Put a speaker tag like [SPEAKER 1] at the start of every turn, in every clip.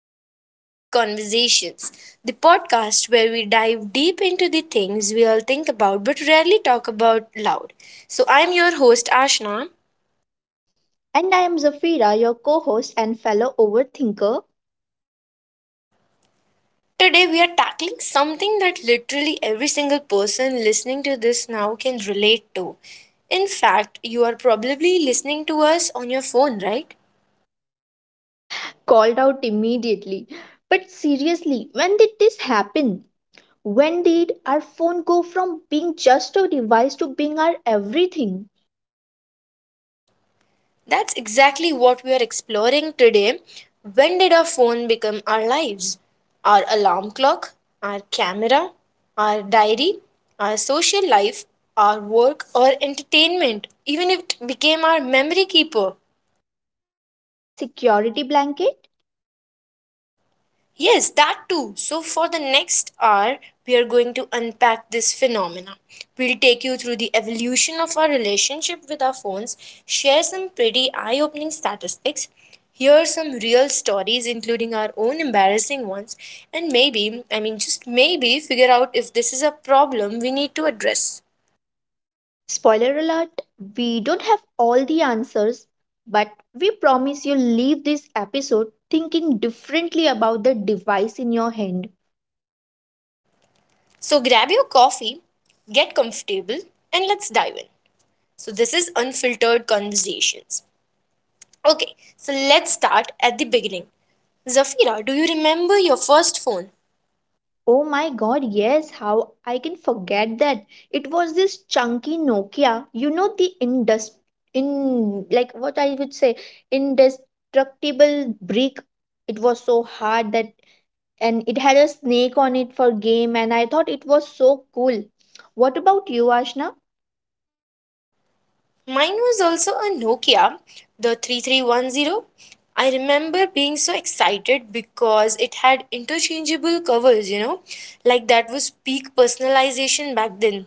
[SPEAKER 1] to Unfiltered Conversations, the podcast where we dive deep into the things we all think about but rarely talk about loud. So, I'm your host Ashna.
[SPEAKER 2] And I am Zafira, your co host and fellow overthinker,
[SPEAKER 1] Today, we are tackling something that literally every single person listening to this now can relate to. In fact, you are probably listening to us on your phone, right?
[SPEAKER 2] called out immediately. But seriously, when did this happen? When did our phone go from being just a device to being our everything?
[SPEAKER 1] That's exactly what we are exploring today. When did our phone become our lives? Our alarm clock, our camera, our diary, our social life, our work or entertainment, even if it became our memory keeper.
[SPEAKER 2] Our security blanket?
[SPEAKER 1] Yes, that too. So, for the next hour, we are going to unpack this phenomena. We'll take you through the evolution of our relationship with our phones, share some pretty eye opening statistics, hear some real stories, including our own embarrassing ones, and maybe, I mean, just maybe figure out if this is a problem we need to address.
[SPEAKER 2] Spoiler alert, we don't have all the answers, but we promise you'll leave this episode thinking differently about the device in your hand.
[SPEAKER 1] So, grab your coffee, get comfortable, and let's dive in. So, this is Unfiltered Conversations. Okay, so let's start at the beginning. Zafira, do you remember your first phone?
[SPEAKER 2] Oh my god, yes, how I can forget that. It was this chunky Nokia. You know the indus in like what I would say indestructible brick. It was so hard that and it had a snake on it for game and I thought it was so cool. What about you, Ashna?
[SPEAKER 1] Mine was also a Nokia, the 3310. I remember being so excited because it had interchangeable covers, you know, like that was peak personalization back then.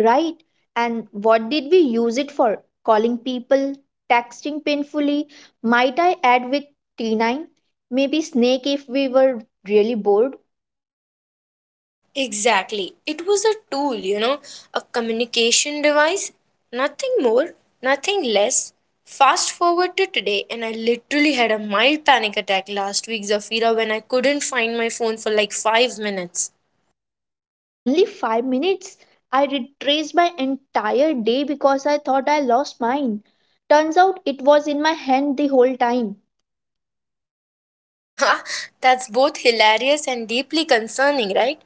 [SPEAKER 2] Right. And what did we use it for? Calling people, texting painfully. Might I add with T9? Maybe snake if we were really bored.
[SPEAKER 1] Exactly. It was a tool, you know, a communication device, nothing more, nothing less. Fast forward to today, and I literally had a mild panic attack last week, Zafira, when I couldn't find my phone for like 5 minutes.
[SPEAKER 2] Only 5 minutes? I retraced my entire day because I thought I lost mine. Turns out it was in my hand the whole time.
[SPEAKER 1] That's both hilarious and deeply concerning, right?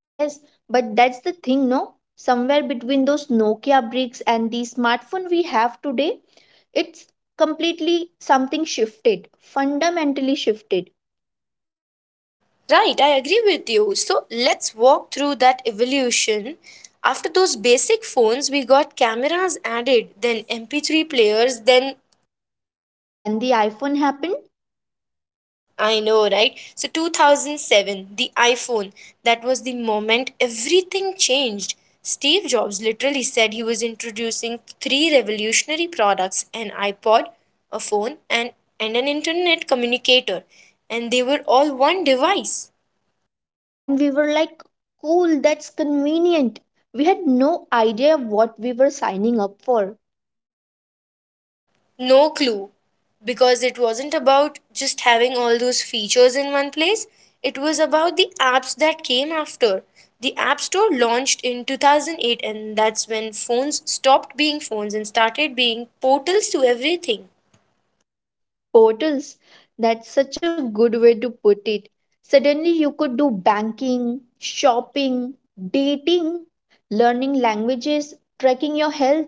[SPEAKER 2] Yes, but that's the thing, no? Somewhere between those Nokia bricks and the smartphone we have today, it's completely something shifted, fundamentally shifted.
[SPEAKER 1] Right, I agree with you. So let's walk through that evolution. After those basic phones, we got cameras added, then MP3 players, then
[SPEAKER 2] Then the iPhone happened,
[SPEAKER 1] I know, right? So 2007, the iPhone, that was the moment everything changed. Steve Jobs literally said he was introducing three revolutionary products an iPod, a phone, and an internet communicator. And they were all one device.
[SPEAKER 2] and we were like, cool, that's convenient. We had no idea what we were signing up for.
[SPEAKER 1] No clue, because it wasn't about just having all those features in one place. It was about the apps that came after. The App Store launched in 2008, and that's when phones stopped being phones and started being portals to everything.
[SPEAKER 2] Portals. That's such a good way to put it. Suddenly, you could do banking, shopping, dating, learning languages, tracking your health,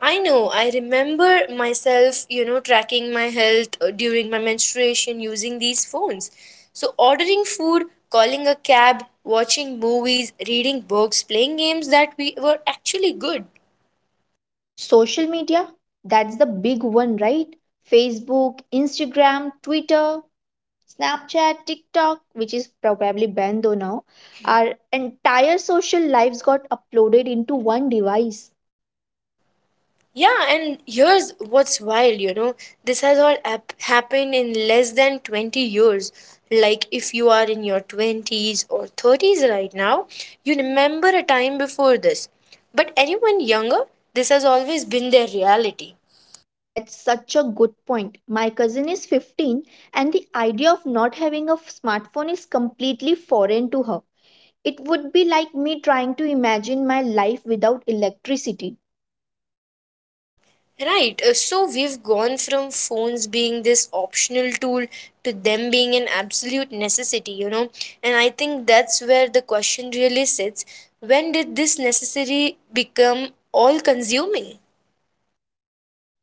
[SPEAKER 1] I know, I remember myself, you know, tracking my health during my menstruation using these phones. So, ordering food, calling a cab, watching movies, reading books, playing games that we were actually good.
[SPEAKER 2] social media. That's the big one, right? Facebook, Instagram, Twitter, Snapchat, TikTok, which is probably banned though now. Our entire social lives got uploaded into one device.
[SPEAKER 1] Yeah, and here's what's wild, you know, this has all happened in less than 20 years. Like, if you are in your 20s or 30s right now, you remember a time before this. But anyone younger, this has always been their reality.
[SPEAKER 2] That's such a good point. My cousin is 15 and the idea of not having a smartphone is completely foreign to her. It would be like me trying to imagine my life without electricity.
[SPEAKER 1] Right. So we've gone from phones being this optional tool to them being an absolute necessity, you know. And I think that's where the question really sits. When did this necessary become all consuming?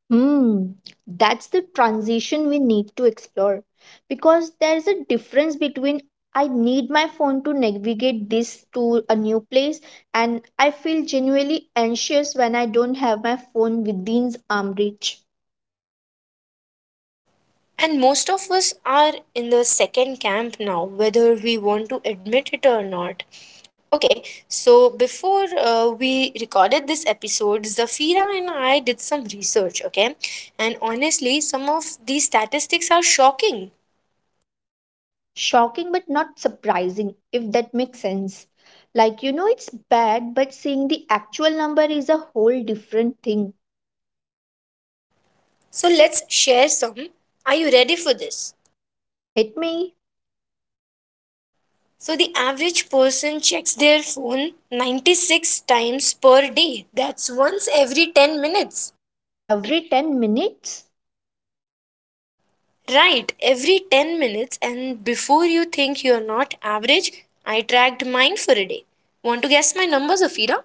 [SPEAKER 2] Hmm, that's the transition we need to explore because there's a difference between I need my phone to navigate this to a new place and I feel genuinely anxious when I don't have my phone within arm reach.
[SPEAKER 1] And most of us are in the second camp now, whether we want to admit it or not. Okay, so before we recorded this episode, Zafira and I did some research, okay? And honestly, some of these statistics are shocking.
[SPEAKER 2] Shocking but not surprising, if that makes sense. Like, it's bad, but seeing the actual number is a whole different thing.
[SPEAKER 1] So let's share some. Are you ready for this?
[SPEAKER 2] Hit me
[SPEAKER 1] So the average person checks their phone 96 times per day. That's once every 10 minutes.
[SPEAKER 2] every 10 minutes?
[SPEAKER 1] Right, every 10 minutes and before you think you're not average, I tracked mine for a day. Want to guess my numbers, Afira?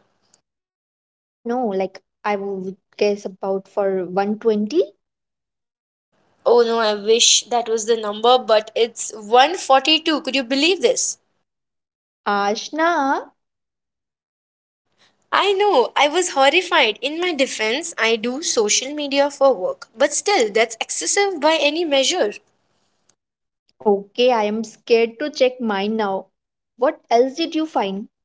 [SPEAKER 2] Oh no, like I would guess about for 120.
[SPEAKER 1] Oh no, I wish that was the number, but it's 142. Could you believe this?
[SPEAKER 2] Ashna,
[SPEAKER 1] I know, I was horrified. In my defense, I do social media for work, but still, that's excessive by any measure.
[SPEAKER 2] okay, I am scared to check mine now. What else did you find?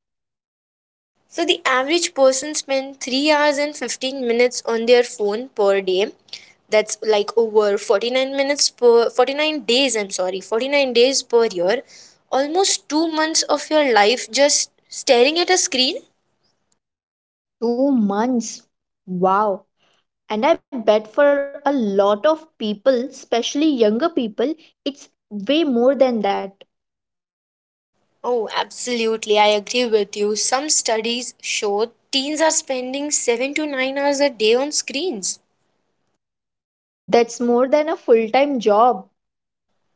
[SPEAKER 1] So, the average person spends 3 hours and 15 minutes on their phone per day. That's like over 49 minutes per 49 days, I'm sorry, 49 days per year. Almost 2 months of your life just staring at a screen.
[SPEAKER 2] 2 months. Wow. And I bet for a lot of people, especially younger people, it's way more than that.
[SPEAKER 1] Oh, absolutely. I agree with you. Some studies show teens are spending 7 to 9 hours a day on screens.
[SPEAKER 2] That's more than a full time job.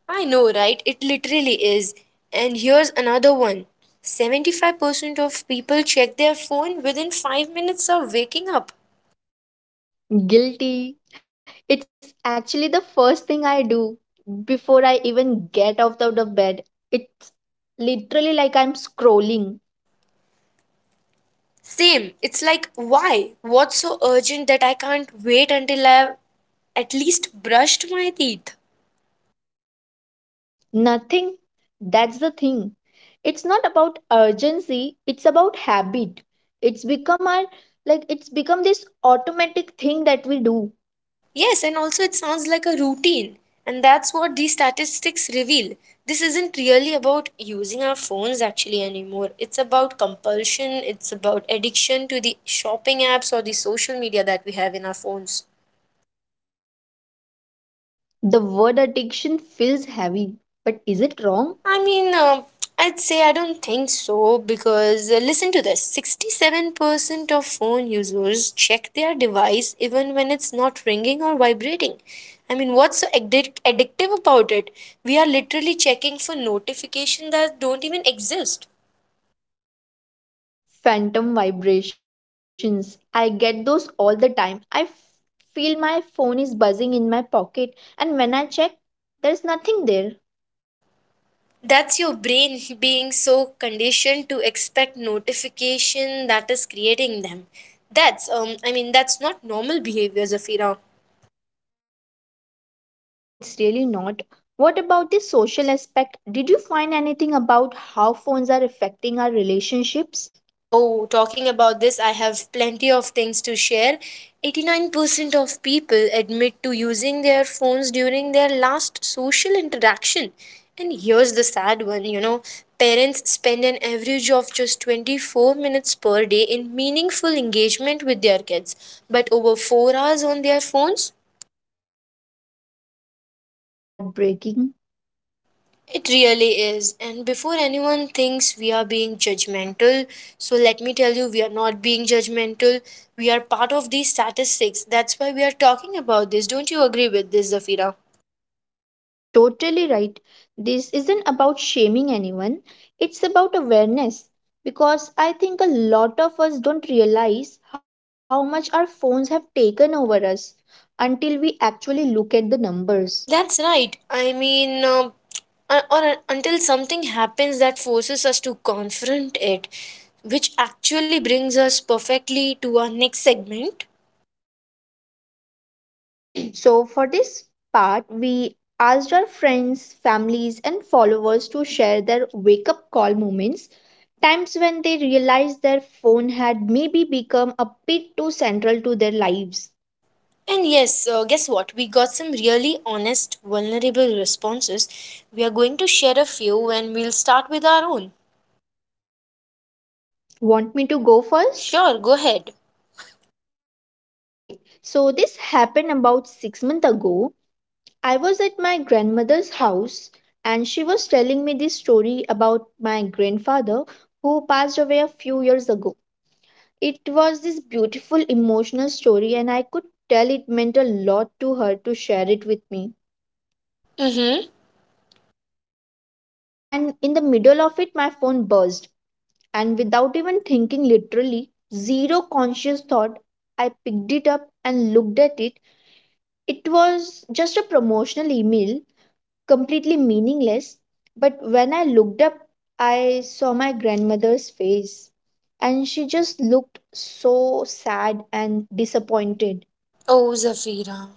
[SPEAKER 1] I know, right? It literally is. And here's another one 75% of people check their phone within 5 minutes of waking up.
[SPEAKER 2] Guilty. It's actually the first thing I do before I even get out of the bed. It's literally like I'm scrolling.
[SPEAKER 1] Same. It's like, why? What's so urgent that I can't wait until I've at least brushed my teeth?
[SPEAKER 2] Nothing. That's the thing. It's not about urgency, it's about habit. It's become our like it's become this automatic thing that we do.
[SPEAKER 1] Yes, and also it sounds like a routine. And that's what these statistics reveal. This isn't really about using our phones actually anymore. It's about compulsion, it's about addiction to the shopping apps or the social media that we have in our phones.
[SPEAKER 2] The word addiction feels heavy, but is it wrong?
[SPEAKER 1] I mean, I'd say I don't think so because listen to this 67% of phone users check their device even when it's not ringing or vibrating. I mean, what's so addictive about it? We are literally checking for notification that don't even exist.
[SPEAKER 2] Phantom vibrations. I get those all the time. Feel my phone is buzzing in my pocket, and when I check, there's nothing there.
[SPEAKER 1] That's your brain being so conditioned to expect notification that is creating them. That's I mean that's not normal behavior, Zafira.
[SPEAKER 2] No, it's really not. What about the social aspect? Did you find anything about how phones are affecting our relationships?
[SPEAKER 1] Oh, talking about this, I have plenty of things to share. 89% of people admit to using their phones during their last social interaction. And here's the sad one you know, parents spend an average of just 24 minutes per day in meaningful engagement with their kids, but over 4 hours on their phones?
[SPEAKER 2] That's heartbreaking.
[SPEAKER 1] It really is. And before anyone thinks we are being judgmental, so let me tell you, we are not being judgmental. We are part of these statistics. That's why we are talking about this. Don't you agree with this, Zafira?
[SPEAKER 2] Totally right. This isn't about shaming anyone, it's about awareness. Because I think a lot of us don't realize how much our phones have taken over us until we actually look at the numbers.
[SPEAKER 1] That's right. I mean, or until something happens that forces us to confront it, which actually brings us perfectly to our next segment.
[SPEAKER 2] So, for this part, we asked our friends, families, and followers to share their wake up call moments, times when they realized their phone had maybe become a bit too central to their lives.
[SPEAKER 1] And yes, guess what? We got some really honest, vulnerable responses. We are going to share a few and we'll start with our own.
[SPEAKER 2] Want me to go first?
[SPEAKER 1] Sure, go ahead.
[SPEAKER 2] Okay, so this happened about 6 months ago. I was at my grandmother's house and she was telling me this story about my grandfather who passed away a few years ago. It was this beautiful emotional story, and I could tell it meant a lot to her to share it with me.
[SPEAKER 1] Mm-hmm.
[SPEAKER 2] And in the middle of it, my phone buzzed, and without even thinking, literally, zero conscious thought, I picked it up and looked at it. It was just a promotional email completely meaningless. But when I looked up, I saw my grandmother's face, and she just looked so sad and disappointed.
[SPEAKER 1] Oh, Zafira.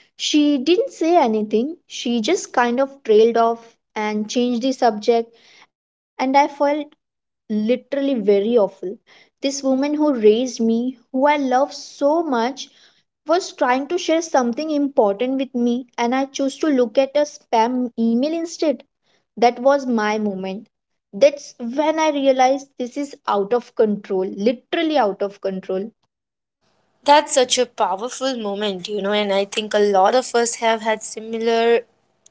[SPEAKER 2] She didn't say anything, she just kind of trailed off and changed the subject, and I felt literally very awful. This woman who raised me, who I love so much, was trying to share something important with me and I chose to look at a spam email instead. That was my moment. That's when I realized this is out of control, literally out of control.
[SPEAKER 1] That's such a powerful moment, you know, and I think a lot of us have had similar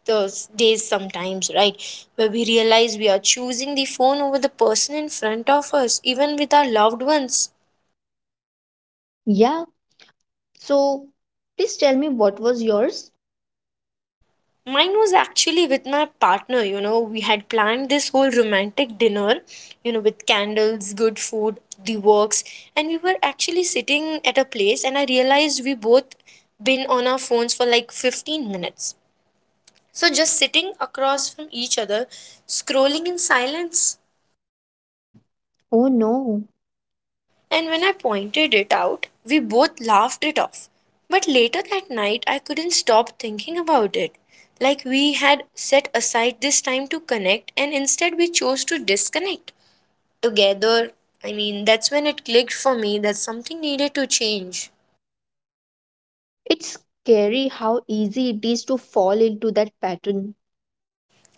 [SPEAKER 1] those days sometimes, right? Where we realize we are choosing the phone over the person in front of us, even with our loved ones.
[SPEAKER 2] Yeah. So please tell me what was yours?
[SPEAKER 1] Mine was actually with my partner, you know. We had planned this whole romantic dinner, you know, with candles, good food, the works. And we were actually sitting at a place, and I realized we both been on our phones for like 15 minutes. So just sitting across from each other, scrolling in silence.
[SPEAKER 2] Oh no.
[SPEAKER 1] And when I pointed it out, we both laughed it off. But later that night, I couldn't stop thinking about it. Like we had set aside this time to connect, and instead we chose to disconnect. Together, I mean, that's when it clicked for me that something needed to change.
[SPEAKER 2] It's scary how easy it is to fall into that pattern.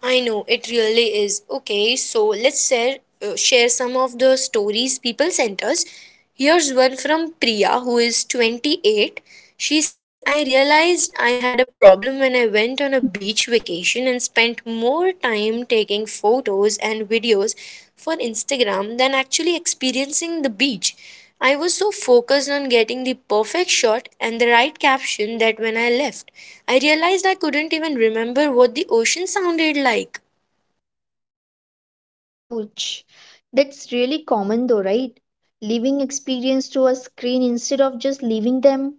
[SPEAKER 1] I know it really is. Okay, so let's share some of the stories people sent us. Here's one from Priya who is 28. She says, "I realized I had a problem when I went on a beach vacation and spent more time taking photos and videos for Instagram than actually experiencing the beach. I was so focused on getting the perfect shot and the right caption that when I left, I realized I couldn't even remember what the ocean sounded like.
[SPEAKER 2] Ouch. That's really common though, right? Leaving experience to a screen instead of just leaving them.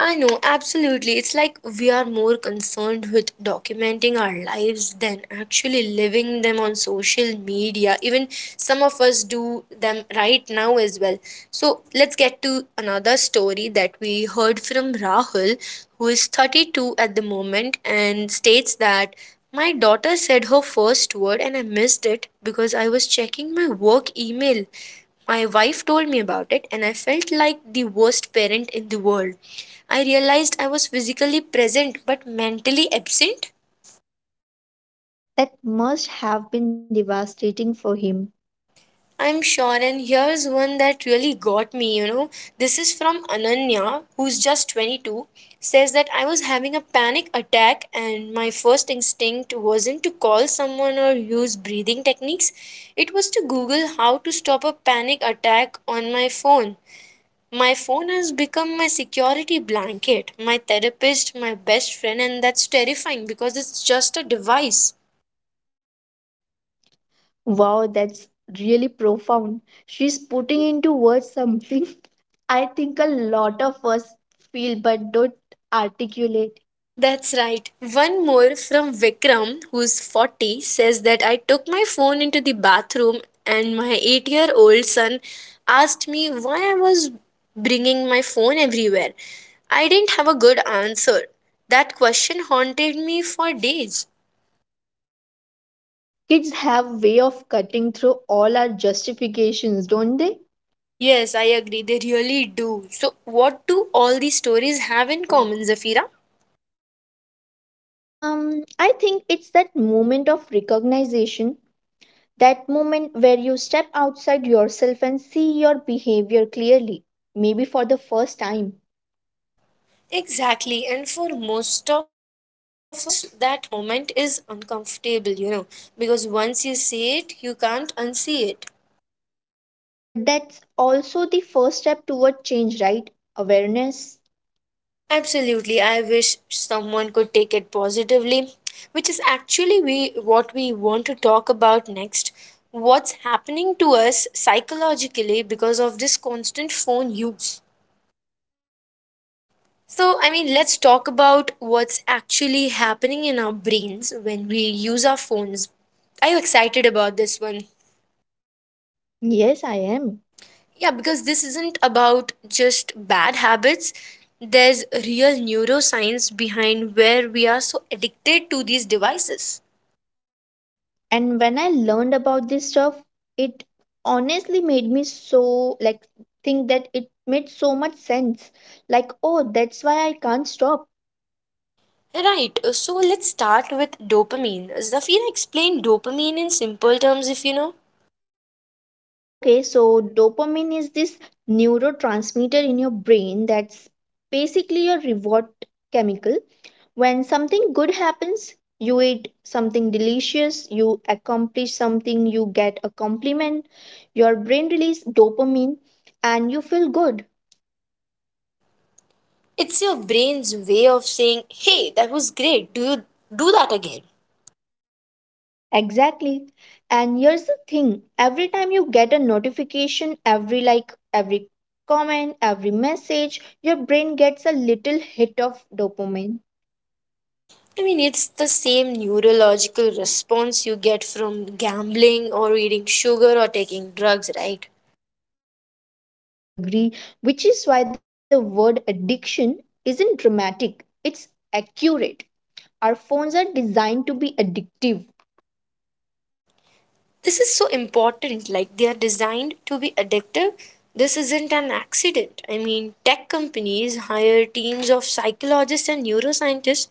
[SPEAKER 1] I know, absolutely. It's like we are more concerned with documenting our lives than actually living them on social media. Even some of us do them right now as well. So, let's get to another story that we heard from Rahul, who is 32 at the moment and states that my daughter said her first word and I missed it because I was checking my work email. My wife told me about it, and I felt like the worst parent in the world. I realized I was physically present but mentally absent.
[SPEAKER 2] That must have been devastating for him.
[SPEAKER 1] I'm sure, and here's one that really got me you know. This is from Ananya, who's just 22, says that I was having a panic attack, and my first instinct wasn't to call someone or use breathing techniques, it was to Google how to stop a panic attack on my phone. My phone has become my security blanket, my therapist, my best friend, and that's terrifying because it's just a device.
[SPEAKER 2] Wow, that's really profound. She's putting into words something I think a lot of us feel but don't articulate.
[SPEAKER 1] That's right. One more from Vikram, who's 40, says that I took my phone into the bathroom and my 8-year-old son asked me why I was bringing my phone everywhere. I didn't have a good answer. That question haunted me for days.
[SPEAKER 2] Kids have way of cutting through all our justifications, don't they?
[SPEAKER 1] Yes, I agree. They really do. So, what do all these stories have in common, Zafira?
[SPEAKER 2] I think it's that moment of recognition, that moment where you step outside yourself and see your behavior clearly, maybe for the first time.
[SPEAKER 1] Exactly. And for most of us, that moment is uncomfortable, you know, because once you see it, you can't unsee it.
[SPEAKER 2] But that's also the first step toward change, right? Awareness.
[SPEAKER 1] Absolutely. I wish someone could take it positively, which is actually we, what we want to talk about next. What's happening to us psychologically because of this constant phone use? So, I mean, let's talk about what's actually happening in our brains when we use our phones. Are you excited about this one?
[SPEAKER 2] Yes, I am.
[SPEAKER 1] Yeah, because this isn't about just bad habits. There's real neuroscience behind where we are so addicted to these devices.
[SPEAKER 2] And when I learned about this stuff, it honestly made me so like think that it made so much sense. Like, oh, that's why I can't stop.
[SPEAKER 1] Right, so let's start with dopamine. Zafira, explain dopamine in simple terms if you know.
[SPEAKER 2] Okay, so dopamine is this neurotransmitter in your brain that's basically your reward chemical. When something good happens, you eat something delicious, you accomplish something, you get a compliment, your brain releases dopamine and you feel good.
[SPEAKER 1] It's your brain's way of saying, hey, that was great, do you do that again?
[SPEAKER 2] Exactly. And here's the thing every time you get a notification, every like, every comment, every message, your brain gets a little hit of dopamine.
[SPEAKER 1] It's the same neurological response you get from gambling or eating sugar or taking drugs, right?
[SPEAKER 2] Agree? Which is why the word addiction isn't dramatic, it's accurate. Our phones are designed to be addictive,
[SPEAKER 1] This is so important. Like, they are designed to be addictive. This isn't an accident. Tech companies hire teams of psychologists and neuroscientists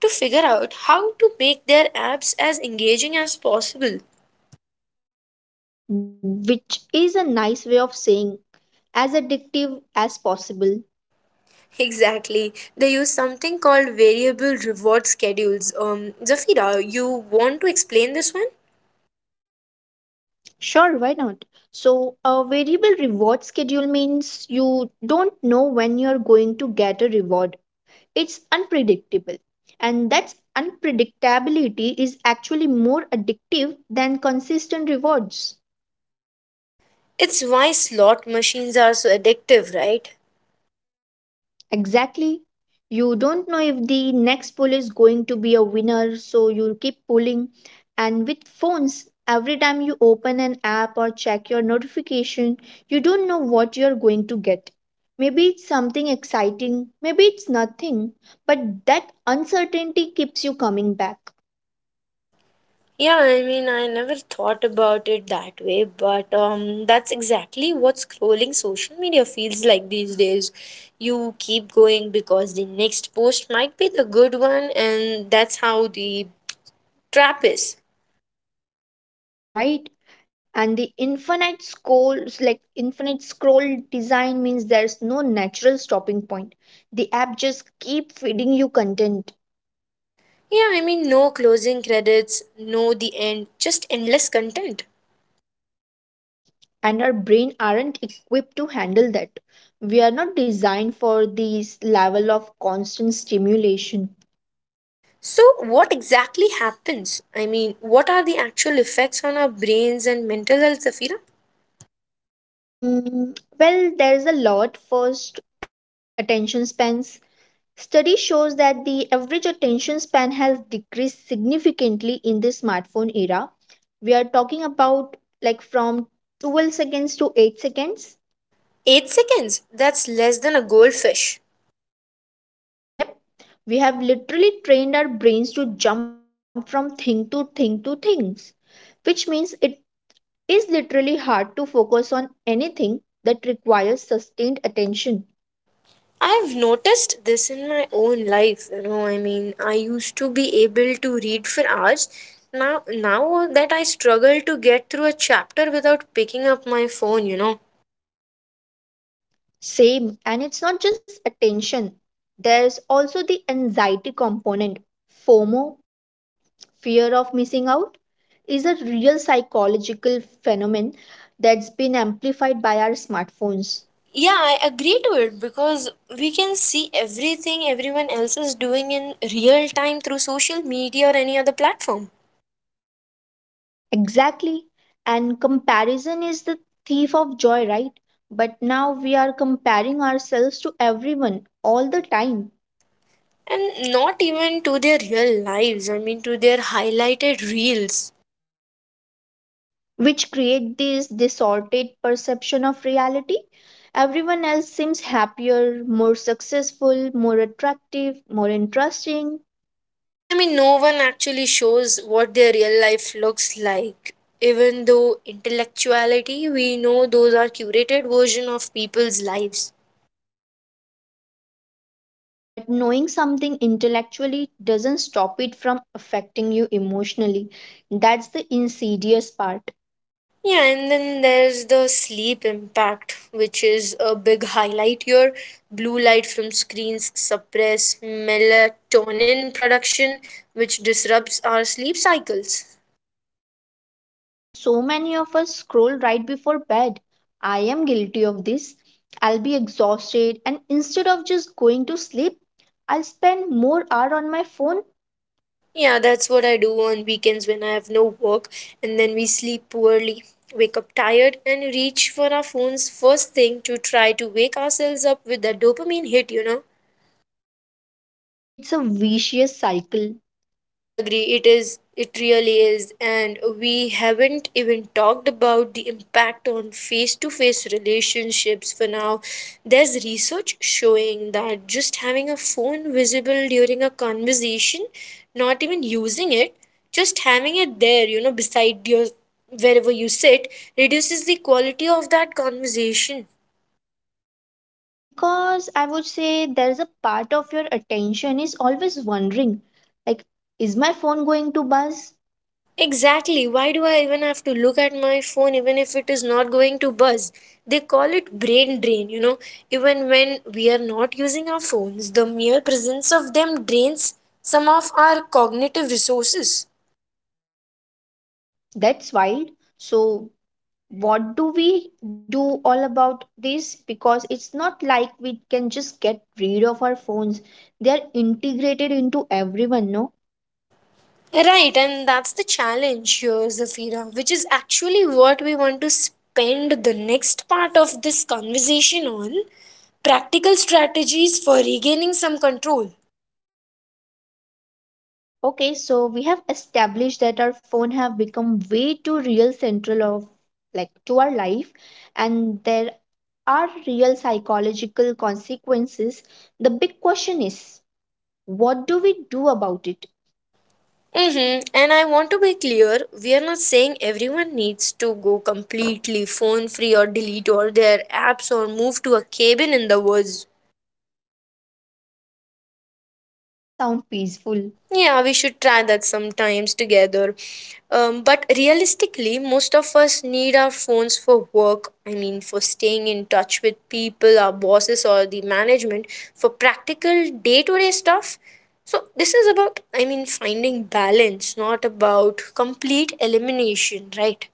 [SPEAKER 1] to figure out how to make their apps as engaging as possible.
[SPEAKER 2] which is a nice way of saying as addictive as possible.
[SPEAKER 1] Exactly. They use something called variable reward schedules. Zafira, you want to explain this one?
[SPEAKER 2] Sure, why not? So, a variable reward schedule means you don't know when you're going to get a reward. It's unpredictable. And that's unpredictability is actually more addictive than consistent rewards.
[SPEAKER 1] It's why slot machines are so addictive, right?
[SPEAKER 2] Exactly. You don't know if the next poll is going to be a winner, so you keep pulling. And with phones, every time you open an app or check your notification, you don't know what you're going to get. Maybe it's something exciting, maybe it's nothing, but that uncertainty keeps you coming back,
[SPEAKER 1] Yeah, I never thought about it that way, but that's exactly what scrolling social media feels like these days. You keep going because the next post might be the good one, and that's how the trap is.
[SPEAKER 2] right? And the infinite scroll, like infinite scroll design means there's no natural stopping point. The app just keep feeding you content
[SPEAKER 1] Yeah, no closing credits, no the end, just endless content.
[SPEAKER 2] and our brain aren't equipped to handle that. We are not designed for this level of constant stimulation.
[SPEAKER 1] So, what exactly happens? What are the actual effects on our brains and mental health, Safira?
[SPEAKER 2] Well, there's a lot. First, attention spans. Study shows that the average attention span has decreased significantly in the smartphone era. We are talking about like from 12 seconds to 8 seconds.
[SPEAKER 1] 8 seconds? That's less than a goldfish.
[SPEAKER 2] Yep, we have literally trained our brains to jump from thing to thing to things, which means it is literally hard to focus on anything that requires sustained attention.
[SPEAKER 1] I've noticed this in my own life, you know. I used to be able to read for hours. Now that I struggle to get through a chapter without picking up my phone, you know.
[SPEAKER 2] Same, and it's not just attention, there's also the anxiety component. FOMO, fear of missing out, is a real psychological phenomenon that's been amplified by our smartphones.
[SPEAKER 1] Yeah, I agree to it because we can see everything everyone else is doing in real time through social media or any other platform.
[SPEAKER 2] Exactly, and comparison is the thief of joy, right? But now we are comparing ourselves to everyone all the time,
[SPEAKER 1] And not even to their real lives, to their highlighted reels.
[SPEAKER 2] which create this distorted perception of reality. Everyone else seems happier, more successful, more attractive, more interesting.
[SPEAKER 1] No one actually shows what their real life looks like. Even though intellectuality, we know those are curated version of people's lives.
[SPEAKER 2] Very true, but knowing something intellectually doesn't stop it from affecting you emotionally. That's the insidious part.
[SPEAKER 1] Yeah, and then there's the sleep impact, which is a big highlight here. Blue light from screens suppress melatonin production, which disrupts our sleep cycles.
[SPEAKER 2] And so many of us scroll right before bed. I am guilty of this. I'll be exhausted, and instead of just going to sleep, I'll spend more hour on my phone.
[SPEAKER 1] Yeah, that's what I do on weekends when I have no work, and then we sleep poorly, wake up tired, and reach for our phones first thing to try to wake ourselves up with that dopamine hit, you know.
[SPEAKER 2] It's a vicious cycle
[SPEAKER 1] I agree. It is. It really is. And we haven't even talked about the impact on face to face relationships for now. There's research showing that just having a phone visible during a conversation, not even using it, just having it there, you know, beside your wherever you sit, reduces the quality of that conversation.
[SPEAKER 2] because I would say there's a part of your attention is always wondering, like, is my phone going to buzz?
[SPEAKER 1] Exactly. Why do I even have to look at my phone even if it is not going to buzz? They call it brain drain, you know. Even when we are not using our phones, the mere presence of them drains some of our cognitive resources.
[SPEAKER 2] That's wild. So, what do we do all about this? Because it's not like we can just get rid of our phones, they are integrated into everyone, no?
[SPEAKER 1] Right, and that's the challenge here, Zafira, which is actually what we want to spend the next part of this conversation on practical strategies for regaining some control.
[SPEAKER 2] Okay, so we have established that our phone have become way too real central of like to our life and there are real psychological consequences. The big question is what do we do about it?
[SPEAKER 1] Mm-hmm. And I want to be clear, we are not saying everyone needs to go completely phone free or delete all their apps or move to a cabin in the woods.
[SPEAKER 2] Although that does sound peaceful,
[SPEAKER 1] Yeah, we should try that sometimes together. But realistically, most of us need our phones for work. For staying in touch with people, our bosses, or the management, for practical day to day stuff. So, this is about, finding balance, not about complete elimination, right?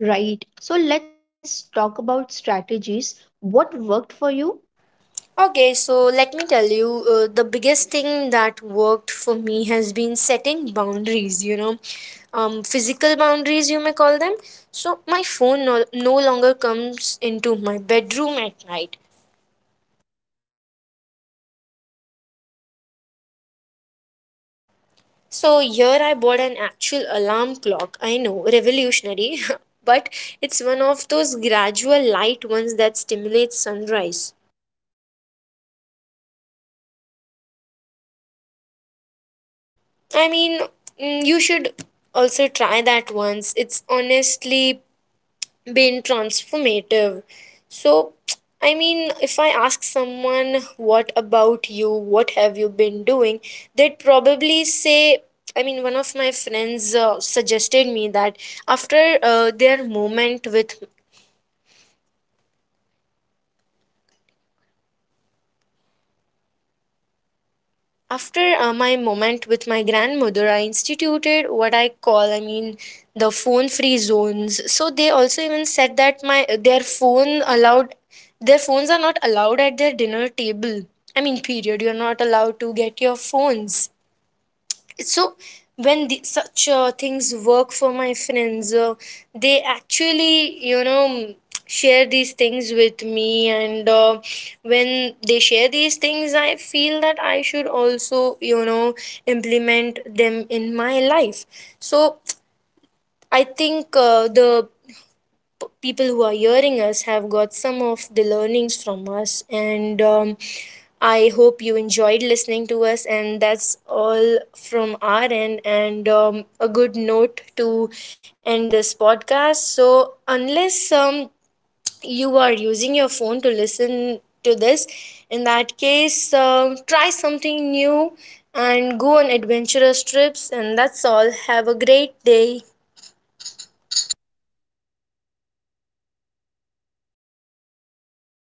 [SPEAKER 2] right? So let's talk about strategies. What worked for you
[SPEAKER 1] Okay, so let me tell you, the biggest thing that worked for me has been setting boundaries, you know, physical boundaries, you may call them. So, my phone no longer comes into my bedroom at night.
[SPEAKER 2] really and how do you wake up?
[SPEAKER 1] So, here I
[SPEAKER 2] So
[SPEAKER 1] bought an actual alarm clock. I know,
[SPEAKER 2] lock,
[SPEAKER 1] revolutionary, but it's
[SPEAKER 2] but
[SPEAKER 1] one of
[SPEAKER 2] it's
[SPEAKER 1] those gradual light ones that stimulates sunrise. I mean,
[SPEAKER 2] I mean,
[SPEAKER 1] you should
[SPEAKER 2] you should
[SPEAKER 1] also try
[SPEAKER 2] also
[SPEAKER 1] that
[SPEAKER 2] try
[SPEAKER 1] once.
[SPEAKER 2] that
[SPEAKER 1] It's
[SPEAKER 2] once. It's
[SPEAKER 1] honestly
[SPEAKER 2] honestly
[SPEAKER 1] been
[SPEAKER 2] been
[SPEAKER 1] transformative.
[SPEAKER 2] transformative.
[SPEAKER 1] So,
[SPEAKER 2] So,
[SPEAKER 1] I mean,
[SPEAKER 2] I
[SPEAKER 1] if I
[SPEAKER 2] mean,
[SPEAKER 1] ask
[SPEAKER 2] if I ask
[SPEAKER 1] someone, what
[SPEAKER 2] someone, what
[SPEAKER 1] about you?
[SPEAKER 2] about
[SPEAKER 1] What
[SPEAKER 2] you?
[SPEAKER 1] have you
[SPEAKER 2] What
[SPEAKER 1] been
[SPEAKER 2] have you
[SPEAKER 1] doing?
[SPEAKER 2] been doing?
[SPEAKER 1] They'd
[SPEAKER 2] They'd
[SPEAKER 1] probably say,
[SPEAKER 2] probably
[SPEAKER 1] I
[SPEAKER 2] say,
[SPEAKER 1] mean, one of
[SPEAKER 2] I
[SPEAKER 1] my
[SPEAKER 2] mean, one of my
[SPEAKER 1] friends
[SPEAKER 2] friends
[SPEAKER 1] suggested me that
[SPEAKER 2] suggested me that
[SPEAKER 1] after uh,
[SPEAKER 2] after
[SPEAKER 1] their
[SPEAKER 2] their
[SPEAKER 1] moment with
[SPEAKER 2] moment with
[SPEAKER 1] After my
[SPEAKER 2] after
[SPEAKER 1] moment
[SPEAKER 2] my
[SPEAKER 1] with my
[SPEAKER 2] moment with my
[SPEAKER 1] grandmother, I
[SPEAKER 2] grandmother, I
[SPEAKER 1] instituted what I
[SPEAKER 2] instituted what
[SPEAKER 1] call, I
[SPEAKER 2] I
[SPEAKER 1] mean,
[SPEAKER 2] call, I
[SPEAKER 1] the
[SPEAKER 2] mean, the
[SPEAKER 1] phone-free
[SPEAKER 2] phone free
[SPEAKER 1] zones. So they
[SPEAKER 2] zones
[SPEAKER 1] also
[SPEAKER 2] so
[SPEAKER 1] even
[SPEAKER 2] they
[SPEAKER 1] said
[SPEAKER 2] also even
[SPEAKER 1] that my
[SPEAKER 2] said that
[SPEAKER 1] their
[SPEAKER 2] my
[SPEAKER 1] phone allowed, their phones are
[SPEAKER 2] their
[SPEAKER 1] not
[SPEAKER 2] phones are
[SPEAKER 1] allowed
[SPEAKER 2] not
[SPEAKER 1] at their
[SPEAKER 2] allowed
[SPEAKER 1] dinner
[SPEAKER 2] at their
[SPEAKER 1] table.
[SPEAKER 2] dinner
[SPEAKER 1] I
[SPEAKER 2] table.
[SPEAKER 1] mean,
[SPEAKER 2] I
[SPEAKER 1] period. You're
[SPEAKER 2] mean,
[SPEAKER 1] not
[SPEAKER 2] period. You're
[SPEAKER 1] allowed to
[SPEAKER 2] not
[SPEAKER 1] get
[SPEAKER 2] allowed
[SPEAKER 1] your
[SPEAKER 2] to get your
[SPEAKER 1] phones.
[SPEAKER 2] phones.
[SPEAKER 1] So
[SPEAKER 2] So
[SPEAKER 1] when the,
[SPEAKER 2] when
[SPEAKER 1] such
[SPEAKER 2] such
[SPEAKER 1] things work
[SPEAKER 2] things
[SPEAKER 1] for my
[SPEAKER 2] work for my
[SPEAKER 1] friends,
[SPEAKER 2] friends,
[SPEAKER 1] they
[SPEAKER 2] they
[SPEAKER 1] actually, you know,
[SPEAKER 2] actually, you know.
[SPEAKER 1] share these things with me, and when they share these things, I feel that I should also, you know, implement them in my life. So I think, the people who are hearing us have got some of the learnings from us, and I hope you enjoyed listening to us, and that's all from our end, and a good note to end this podcast. So unless you are using your phone to listen to this, in that case try something new and go on adventurous trips, and that's all. Have a great day.